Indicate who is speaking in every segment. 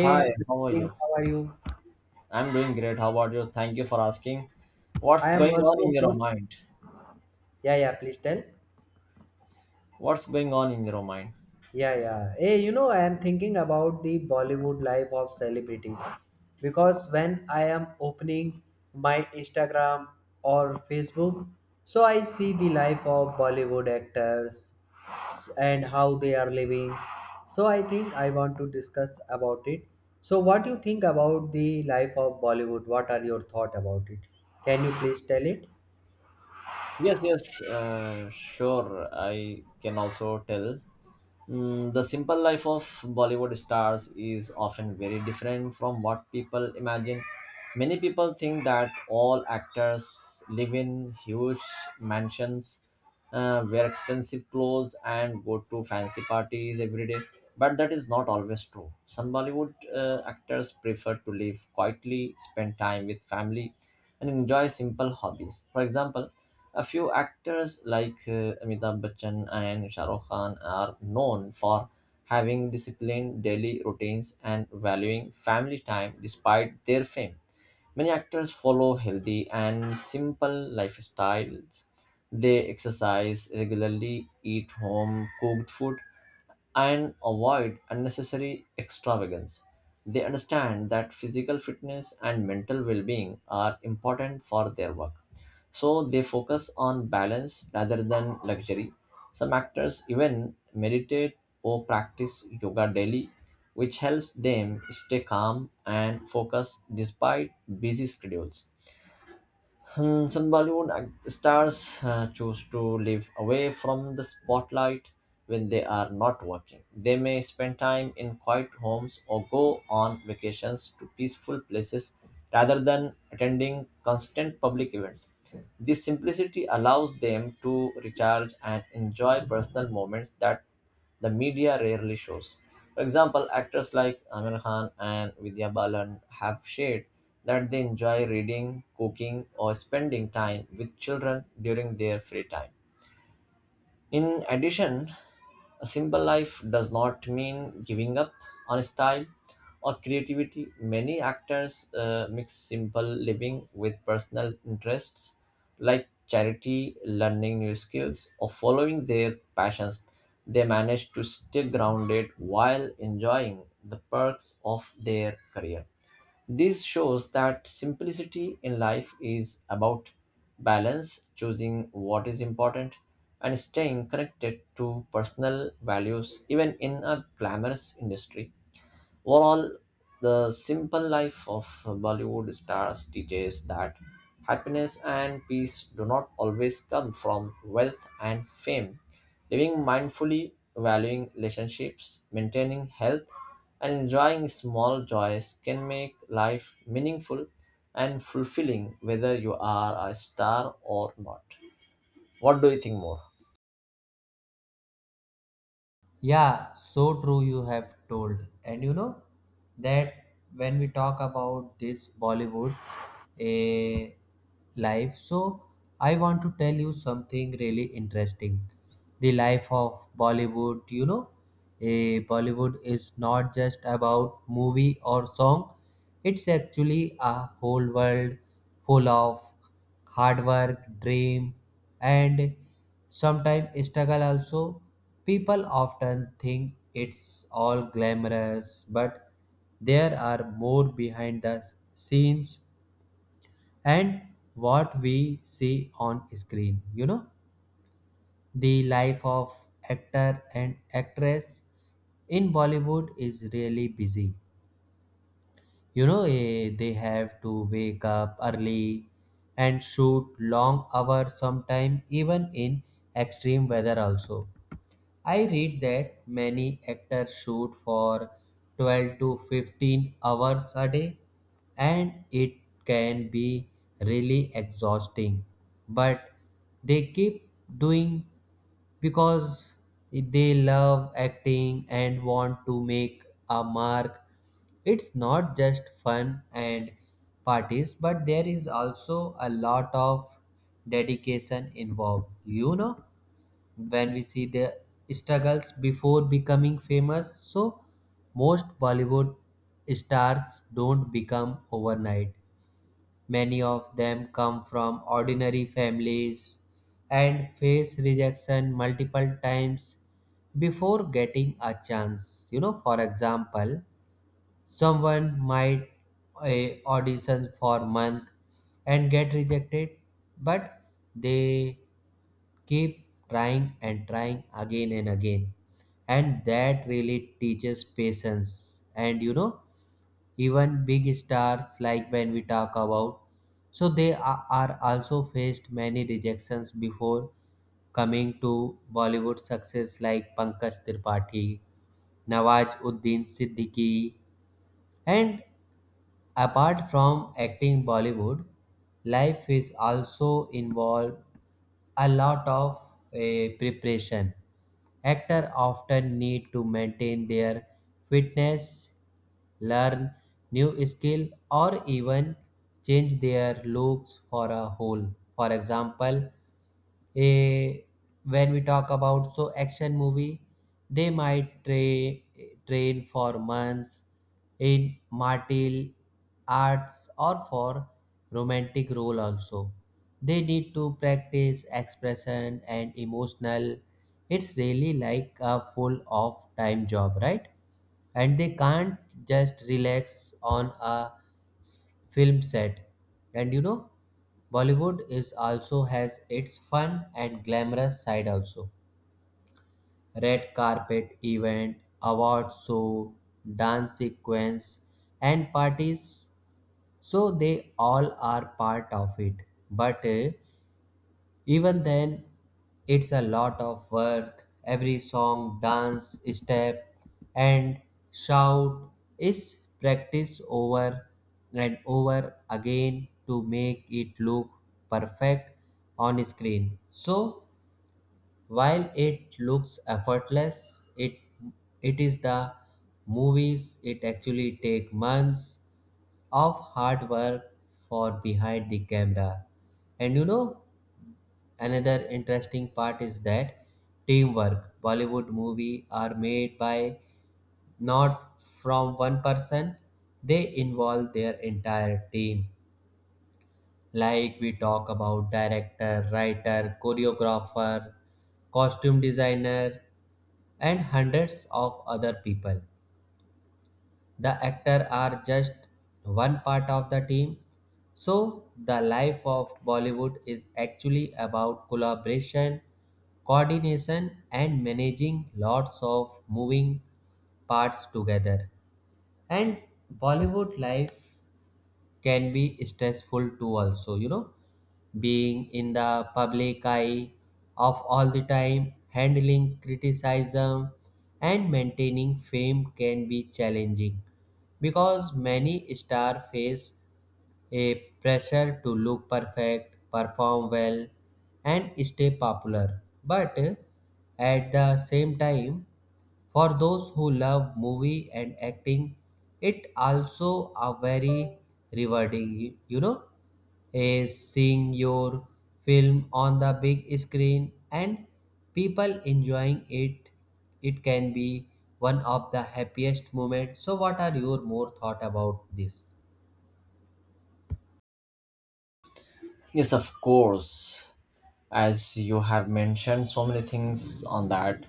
Speaker 1: Hi, how are
Speaker 2: King,
Speaker 1: you?
Speaker 2: how are you?
Speaker 1: I'm doing great. How about you? Thank you for asking. What's
Speaker 2: I am
Speaker 1: going on
Speaker 2: also
Speaker 1: in your
Speaker 2: good.
Speaker 1: mind?
Speaker 2: Yeah, yeah, please tell.
Speaker 1: What's going on in your mind?
Speaker 2: Yeah, yeah. Hey, you know, I am thinking about the Bollywood life of celebrity because when I am opening my Instagram or Facebook, so I see the life of Bollywood actors and how they are living. So I think I want to discuss about it. So what do you think about the life of Bollywood? What are your thought about it? Can you please tell it?
Speaker 1: Yes, yes, sure. I can also tell. The simple life of Bollywood stars is often very different from what people imagine. Many people think that all actors live in huge mansions, wear expensive clothes, and go to fancy parties every day. But that is not always true. Some Bollywood actors prefer to live quietly, spend time with family, and enjoy simple hobbies. For example, a few actors like Amitabh Bachchan and Shah Rukh Khan are known for having disciplined daily routines and valuing family time despite their fame. Many actors follow healthy and simple lifestyles. They exercise regularly, eat home cooked food, and avoid unnecessary extravagance. They understand that physical fitness and mental well being are important for their work. So they focus on balance rather than luxury. Some actors even meditate or practice yoga daily which helps them stay calm and focused despite busy schedules. Some stars choose to live away from the spotlight when they are not working. They may spend time in quiet homes or go on vacations to peaceful places rather than attending constant public events. This simplicity allows them to recharge and enjoy personal moments that the media rarely shows. For example, actors like Amir Khan and Vidya Balan have shared that they enjoy reading, cooking, or spending time with children during their free time. In addition, a simple life does not mean giving up on style or creativity. Many actors mix simple living with personal interests like charity, learning new skills, or following their passions. They manage to stay grounded while enjoying the perks of their career. This shows that simplicity in life is about balance, choosing what is important, and staying connected to personal values, even in a glamorous industry. Overall, the simple life of Bollywood stars teaches that happiness and peace do not always come from wealth and fame. Living mindfully, valuing relationships, maintaining health, and enjoying small joys can make life meaningful and fulfilling whether you are a star or not. What do you think more?
Speaker 2: Yeah, so true you have told. And you know that when we talk about this Bollywood a life, so I want to tell you something really interesting. The life of Bollywood, you know, a Bollywood is not just about movie or song. It's actually a whole world full of hard work, dream, and sometimes struggle also. People often think it's all glamorous, but there are more behind the scenes and what we see on screen. You know, the life of actor and actress in Bollywood is really busy. They have to wake up early and shoot long hours sometime even in extreme weather also. I read that many actors shoot for 12 to 15 hours a day and it can be really exhausting, but they keep doing because they love acting and want to make a mark. It's not just fun and parties, but there is also a lot of dedication involved, you know when we see the struggles before becoming famous. So, most Bollywood stars don't become overnight. Many of them come from ordinary families and face rejection multiple times before getting a chance. You know, for example, someone might a audition for month and get rejected, but they keep trying and trying again and again. And that really teaches patience. And you know, even big stars like when we talk about, so they are also faced many rejections before coming to Bollywood success like Pankaj Tripathi, Nawaz Uddin Siddiqui, and apart from acting Bollywood, life is also involved a lot of preparation. Actors often need to maintain their fitness, learn new skill, or even change their looks for a whole. For example, Eh, when we talk about so action movie, they train for months in martial arts or for romantic role also. They need to practice expression and emotional. It's really like a full of time job, right? And they can't just relax on a film set. And you know, Bollywood is also has its fun and glamorous side also. Red carpet event, award show, dance sequence, and parties. So they all are part of it. But even then, it's a lot of work. Every song, dance, step, and shout is practiced over and over again to make it look perfect on screen. So, while it looks effortless, it is the movies it actually take months of hard work for behind the camera. And you know, another interesting part is that teamwork. Bollywood movies are made by not from one person, they involve their entire team. Like we talk about director, writer, choreographer, costume designer, and hundreds of other people, the actor are just one part of the team. So the life of Bollywood is actually about collaboration, coordination, and managing lots of moving parts together. And Bollywood life can be stressful too also, you know, being in the public eye of all the time, handling criticism, and maintaining fame can be challenging because many stars face a pressure to look perfect, perform well, and stay popular. But at the same time, for those who love movie and acting, it also a very rewarding, you know, is seeing your film on the big screen and people enjoying it. It can be one of the happiest moments. So, what are your more thought about this?
Speaker 1: Yes, of course. As you have mentioned so many things on that,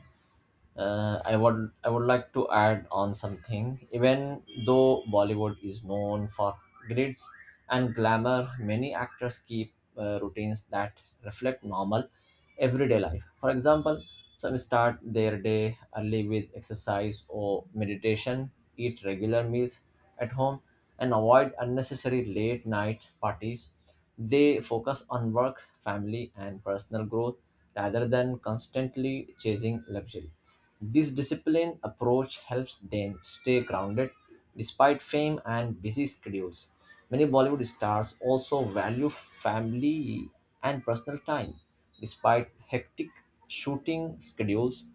Speaker 1: I would like to add on something. Even though Bollywood is known for grids and glamour, many actors keep routines that reflect normal everyday life. For example, some start their day early with exercise or meditation, eat regular meals at home, and avoid unnecessary late night parties. They focus on work, family, and personal growth rather than constantly chasing luxury. This disciplined approach helps them stay grounded despite fame and busy schedules. Many Bollywood stars also value family and personal time, despite hectic shooting schedules,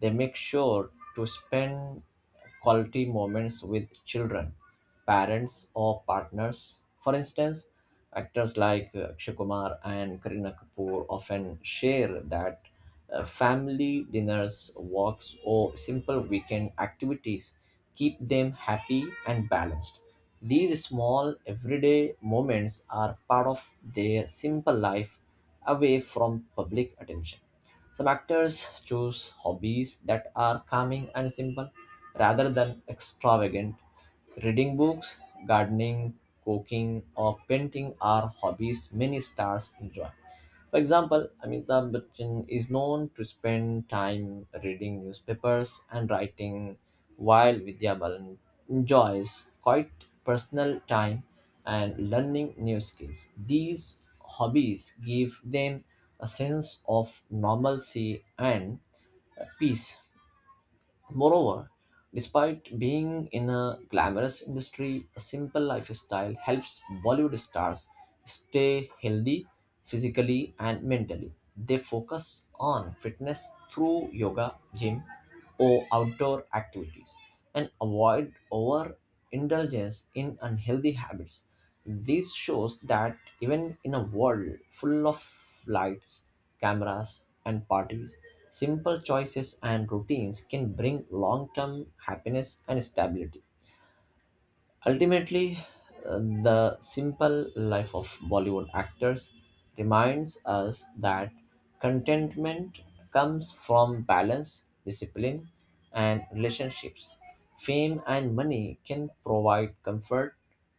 Speaker 1: they make sure to spend quality moments with children, parents, or partners. For instance, actors like Akshay Kumar and Kareena Kapoor often share that family dinners, walks, or simple weekend activities keep them happy and balanced. These small everyday moments are part of their simple life away from public attention. Some actors choose hobbies that are calming and simple rather than extravagant. Reading books, gardening, cooking, or painting are hobbies many stars enjoy. For example, Amitabh Bachchan is known to spend time reading newspapers and writing, while Vidya Balan enjoys quite personal time and learning new skills. These hobbies give them a sense of normalcy and peace. Moreover, despite being in a glamorous industry, a simple lifestyle helps Bollywood stars stay healthy physically and mentally. They focus on fitness through yoga, gym, or outdoor activities and avoid overindulgence in unhealthy habits. This shows that even in a world full of lights, cameras, and parties, simple choices and routines can bring long term happiness and stability. Ultimately, the simple life of Bollywood actors reminds us that contentment comes from balance, discipline, and relationships. Fame and money can provide comfort,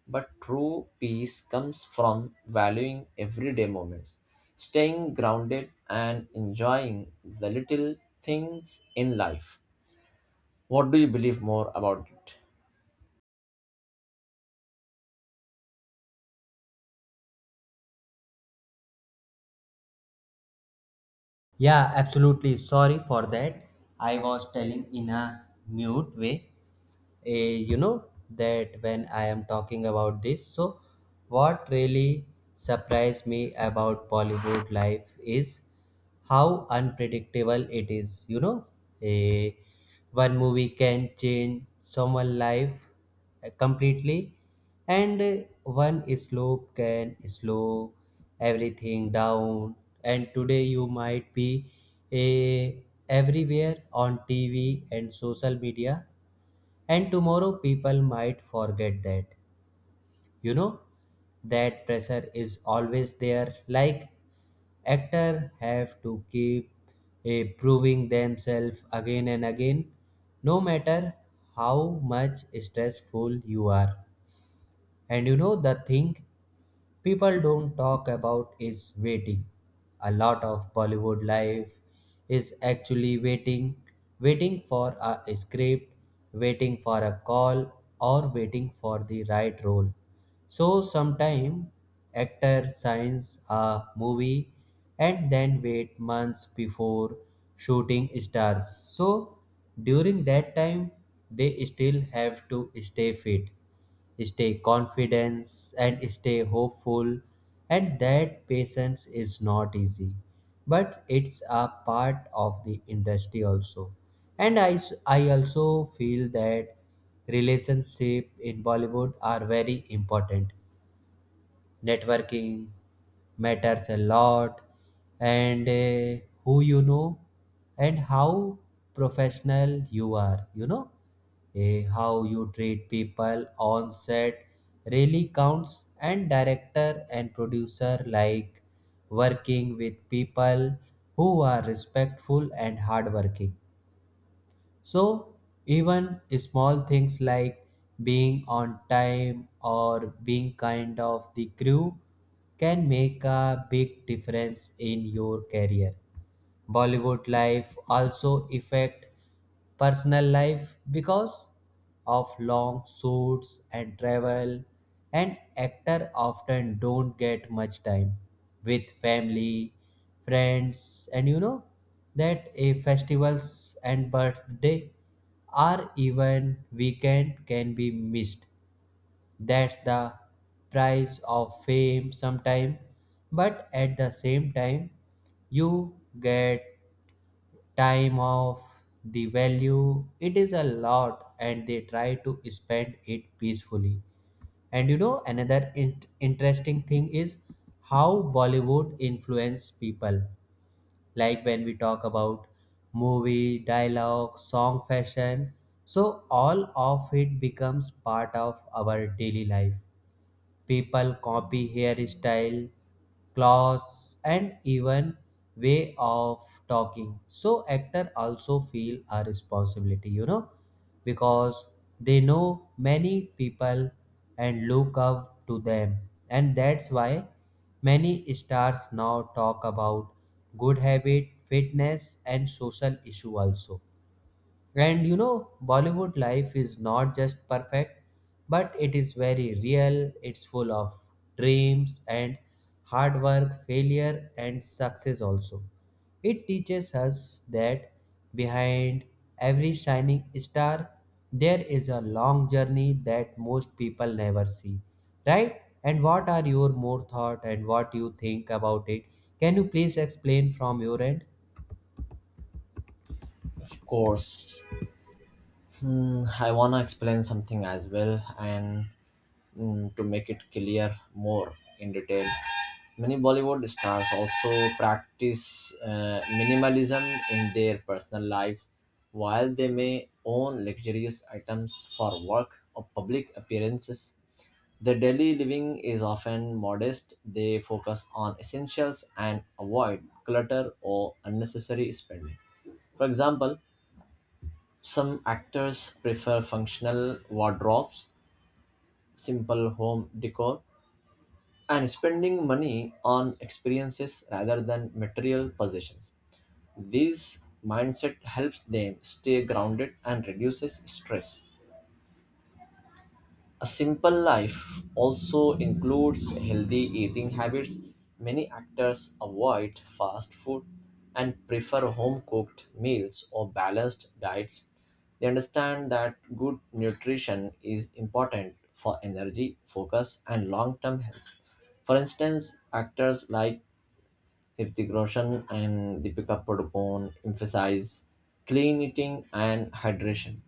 Speaker 1: but true peace comes from valuing everyday moments, staying grounded, and enjoying the little things in life. What do you believe more about it?
Speaker 2: Yeah, absolutely. Sorry for that. I was telling in a mute way. You know that when I am talking about this, so what really surprised me about Bollywood life is how unpredictable it is. You know, Eh, one movie can change someone's life completely, and one slope can slow everything down, and today you might be eh, everywhere on TV and social media, and tomorrow people might forget that, you know, that pressure is always there, like actor have to keep proving themselves again and again no matter how much stressful you are. And you know the thing people don't talk about is waiting. A lot of Bollywood life is actually waiting, waiting for a script, waiting for a call, or waiting for the right role. So sometimes actor signs a movie and then wait months before shooting stars. So during that time they still have to stay fit, stay confident, and stay hopeful, and that patience is not easy, but it's a part of the industry also. And I also feel that relationship in Bollywood are very important, networking matters a lot, and who you know and how professional you are, you know, how you treat people on set really counts, and director and producer like working with people who are respectful and hardworking. So, even small things like being on time or being kind of the crew can make a big difference in your career. Bollywood life also affect personal life because of long shoots and travel, and actor often don't get much time with family, friends, and you know that a festivals and birthday or even weekend can be missed. That's the price of fame sometime, but at the same time, you get time off, the value it is a lot and they try to spend it peacefully. And you know, interesting thing is how Bollywood influence people, like when we talk about movie, dialogue, song, fashion. So all of it becomes part of our daily life. People copy hairstyle, clothes, and even way of talking. So actor also feel a responsibility, you know, because they know many people and look up to them. And that's why many stars now talk about good habit, fitness, and social issue also. And you know, Bollywood life is not just perfect, but it is very real. It's full of dreams and hard work, failure, and success also. It teaches us that behind every shining star, there is a long journey that most people never see. Right? And what are your more thought and what you think about it? Can you please explain from your end?
Speaker 1: Of course. I wanna explain something as well, and to make it clear more in detail. Many Bollywood stars also practice minimalism in their personal lives. While they may own luxurious items for work or public appearances, their daily living is often modest. They focus on essentials and avoid clutter or unnecessary spending. For example, some actors prefer functional wardrobes, simple home decor, and spending money on experiences rather than material possessions. This mindset helps them stay grounded and reduces stress. A simple life also includes healthy eating habits. Many actors avoid fast food and prefer home cooked meals or balanced diets. They understand that good nutrition is important for energy, focus, and long term health. For instance, actors like Hrithik Roshan and Deepika Padukone emphasize clean eating and hydration,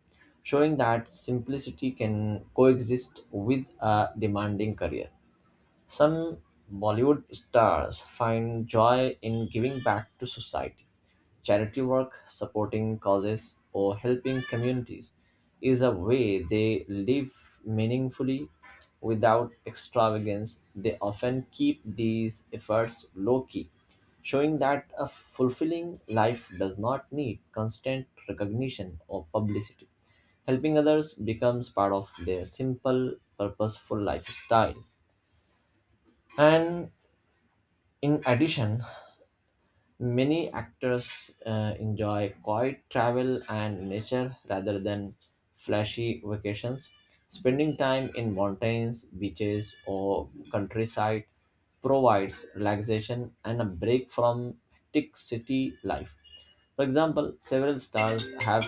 Speaker 1: showing that simplicity can coexist with a demanding career. Some Bollywood stars find joy in giving back to society. Charity work, supporting causes, or helping communities is a way they live meaningfully without extravagance. They often keep these efforts low key, showing that a fulfilling life does not need constant recognition or publicity. Helping others becomes part of their simple, purposeful lifestyle. And in addition, many actors enjoy quiet travel and nature rather than flashy vacations. Spending time in mountains, beaches, or countryside provides relaxation and a break from hectic city life. For example,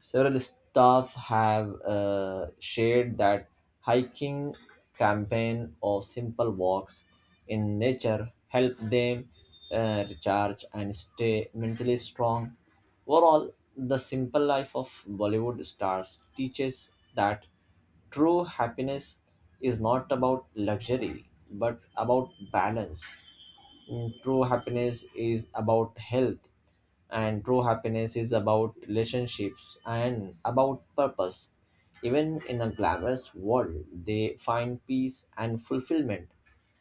Speaker 1: several staff have shared that hiking campaign or simple walks in nature help them recharge and stay mentally strong. Overall, the simple life of Bollywood stars teaches that true happiness is not about luxury but about balance. True happiness is about health, and true happiness is about relationships and about purpose. Even in a glamorous world, they find peace and fulfillment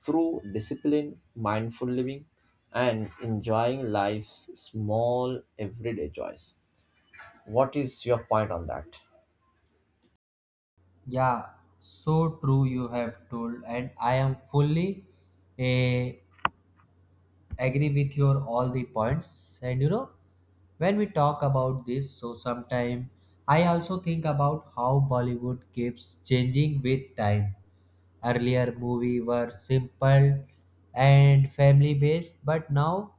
Speaker 1: through discipline, mindful living, and enjoying life's small everyday joys. What is your point on that?
Speaker 2: Yeah, so true you have told, and I am fully eh, agree with your all the points. And you know, when we talk about this, so sometime I also think about how Bollywood keeps changing with time. Earlier movie were simple and family based, but now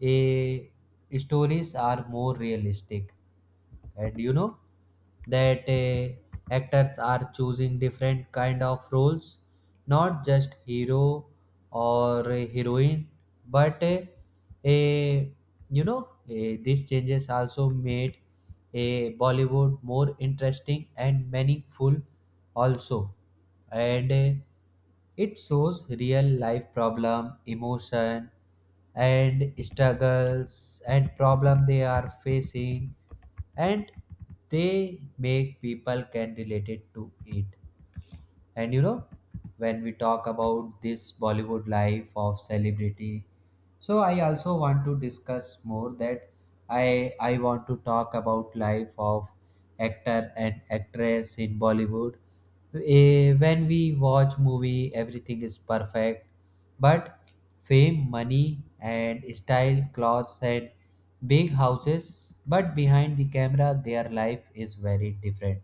Speaker 2: eh, stories are more realistic, and you know that actors are choosing different kind of roles, not just hero or a heroine, but a you know these changes also made a Bollywood more interesting and meaningful also. And it shows real life problem, emotion, and struggles and problem they are facing, and they make people can relate it to it. And you know, when we talk about this Bollywood life of celebrity, so I also want to discuss more that I want to talk about life of actor and actress in Bollywood. When we watch movie, everything is perfect, but fame, money, and style, clothes, and big houses. But behind the camera, their life is very different.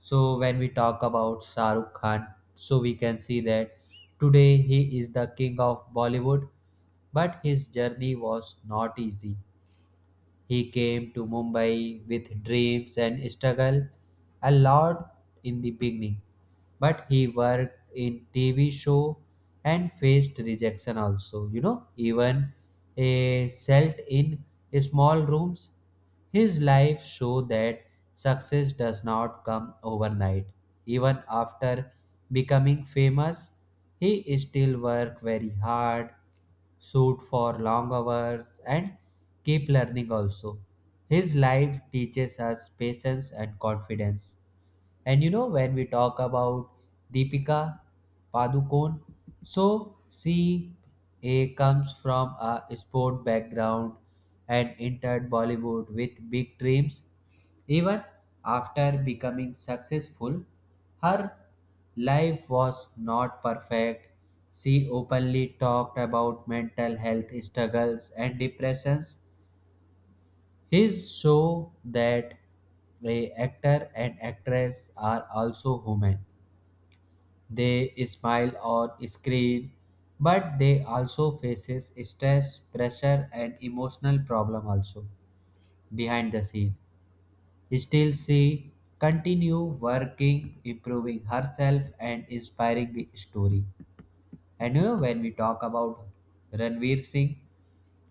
Speaker 2: So when we talk about Shah Rukh Khan, so we can see that today he is the king of Bollywood, but his journey was not easy. He came to Mumbai with dreams and struggled a lot in the beginning, but he worked in TV show and faced rejection also. You know, even a cell in small rooms, his life showed that success does not come overnight. Even after becoming famous, he still worked very hard, shoot for long hours, and keep learning also. His life teaches us patience and confidence. And you know, when we talk about Deepika Padukone, so she comes from a sport background and entered Bollywood with big dreams. Even after becoming successful, her life was not perfect. She openly talked about mental health struggles and depressions, his show that a actor and actress are also human. They smile on screen, but they also faces stress, pressure, and emotional problem also behind the scene. Still, she continue working, improving herself, and inspiring the story. And you know when we talk about Ranveer Singh,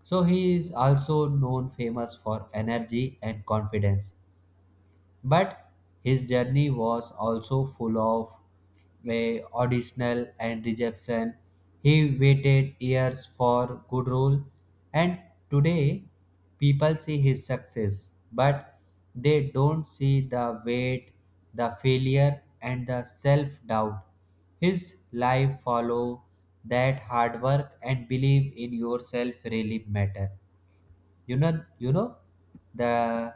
Speaker 2: so he is also known famous for energy and confidence. But his journey was also full of auditional and rejection. He waited years for good role, and today people see his success, but they don't see the weight, the failure, and the self doubt. His life follow that hard work and believe in yourself really matter. You know, the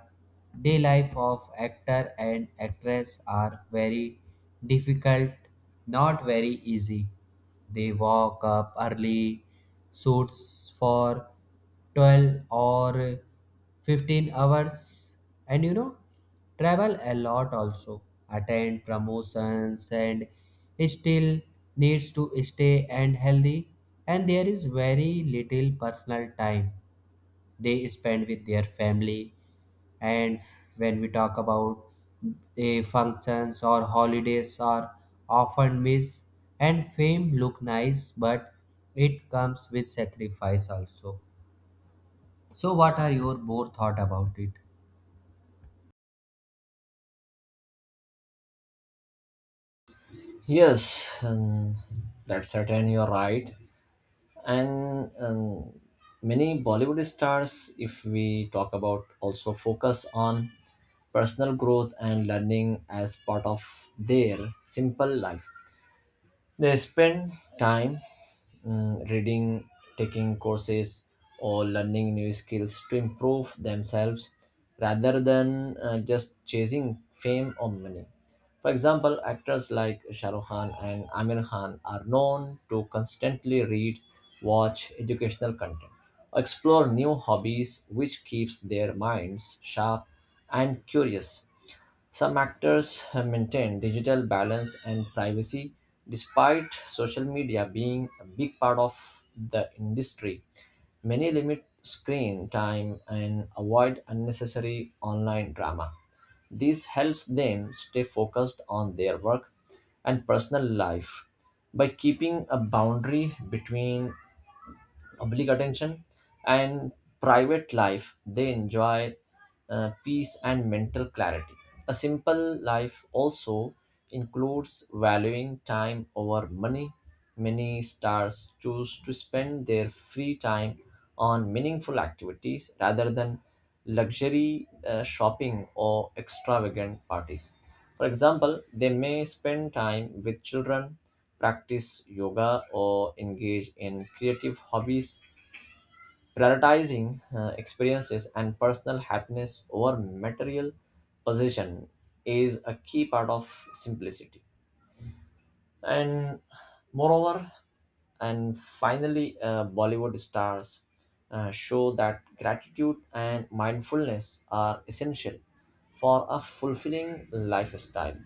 Speaker 2: day life of actor and actress are very difficult, not very easy. They walk up early, shoots for 12 or 15 hours, and you know, travel a lot also, attend promotions, and still needs to stay and healthy, and there is very little personal time they spend with their family. And when we talk about functions or holidays are often missed, and fame look nice, but it comes with sacrifice also. So what are your more thought about it?
Speaker 1: Yes, that's certain. You're right. And many Bollywood stars if we talk about also focus on personal growth and learning as part of their simple life. They spend time reading, taking courses, or learning new skills to improve themselves rather than just chasing fame or money. For example, actors like Shah Rukh Khan and Amir Khan are known to constantly read, watch educational content, explore new hobbies, which keeps their minds sharp and curious. Some actors have maintained digital balance and privacy despite social media being a big part of the industry. Many limit screen time and avoid unnecessary online drama. This helps them stay focused on their work and personal life. By keeping a boundary between public attention and private life they enjoy peace and mental clarity. A simple life also includes valuing time over money. Many stars choose to spend their free time on meaningful activities rather than luxury shopping or extravagant parties. For example, they may spend time with children, practice yoga, or engage in creative hobbies, prioritizing experiences and personal happiness over material possession is a key part of simplicity. And moreover and finally Bollywood stars show that gratitude and mindfulness are essential for a fulfilling lifestyle.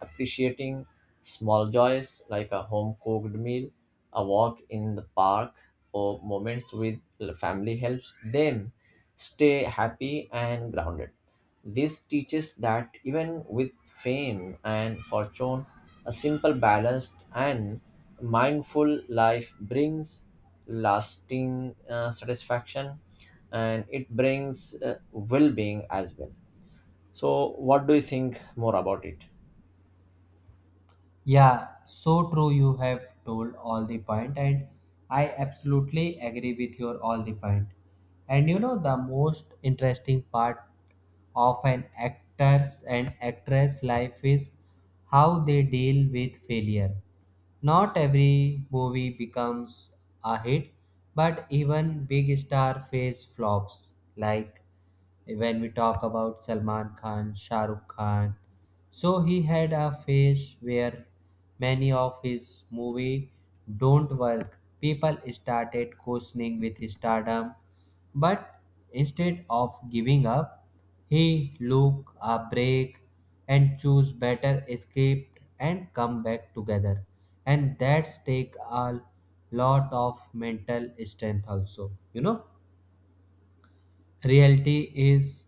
Speaker 1: Appreciating small joys like a home cooked meal, a walk in the park, or moments with the family helps them stay happy and grounded. This teaches that even with fame and fortune a simple, balanced, and mindful life brings lasting satisfaction, and it brings well being as well. So, what do you think more about it?
Speaker 2: Yeah, so true. You have told all the point, and I absolutely agree with your all the point. And you know, the most interesting part of an actor's and actress life is how they deal with failure. Not every movie becomes a hit, but even big star face flops, like when we talk about Salman Khan, Shah Rukh Khan. So he had a phase where many of his movie don't work. People started questioning with his stardom, but instead of giving up, he took a break and choose better escape and come back together. And that's take a lot of mental strength also, you know. Reality is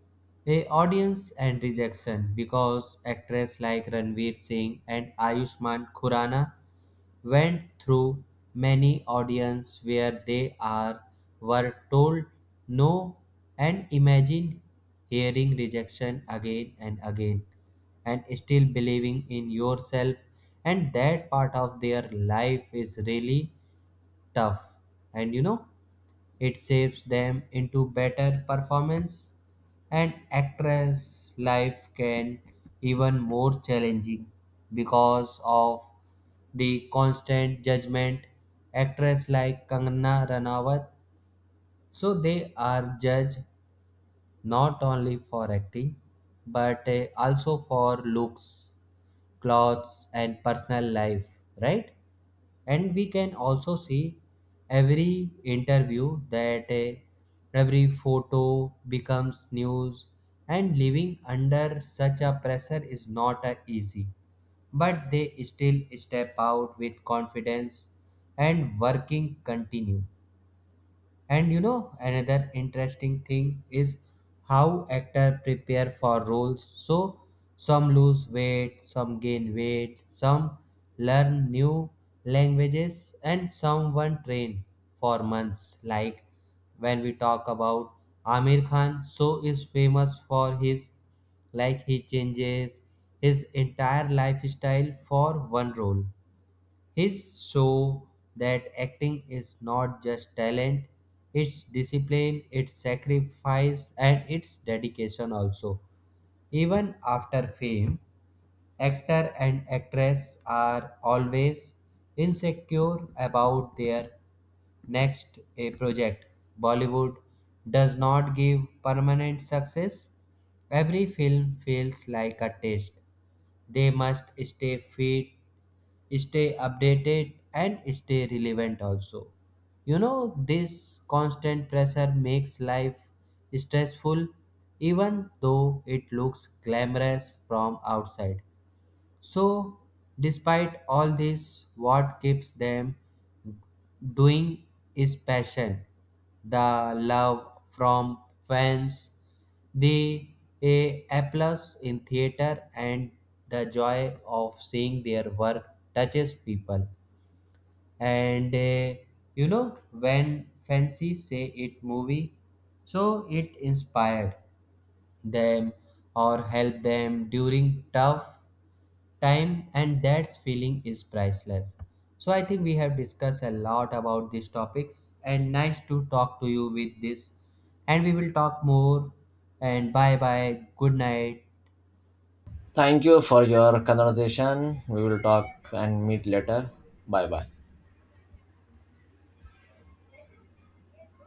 Speaker 2: a audience and rejection because actors like Ranveer Singh and Ayushmann Khurrana went through many audience where they are were told no, and imagine hearing rejection again and again and still believing in yourself. And that part of their life is really tough, and you know it shapes them into better performance. And actress life can even more challenging because of the constant judgment. Actress like Kangana Ranawat, so they are judged not only for acting, but also for looks, clothes, and personal life, right? And we can also see every interview that every photo becomes news, and living under such a pressure is not easy, but they still step out with confidence and working continue. And you know, another interesting thing is how actors prepare for roles. So some lose weight, some gain weight, some learn new languages, and someone train for months. Like when we talk about Amir Khan, so is famous for his, like he changes his entire lifestyle for one role, his show that acting is not just talent, it's discipline, it's sacrifice, and it's dedication also. Even after fame, actor and actress are always insecure about their next a project. Bollywood does not give permanent success. Every film feels like a test. They must stay fit, stay updated, and stay relevant also. You know, this constant pressure makes life stressful even though it looks glamorous from outside. So, despite all this, what keeps them doing is passion, the love from fans, the a applause in theater, and the joy of seeing their work touches people. And you know when fancy say it movie, so it inspired them or help them during tough time, and that feeling is priceless. So I think we have discussed a lot about these topics and nice to talk to you with this, and we will talk more. And bye bye, good night.
Speaker 1: Thank you for your conversation. We will talk and meet later. Bye bye.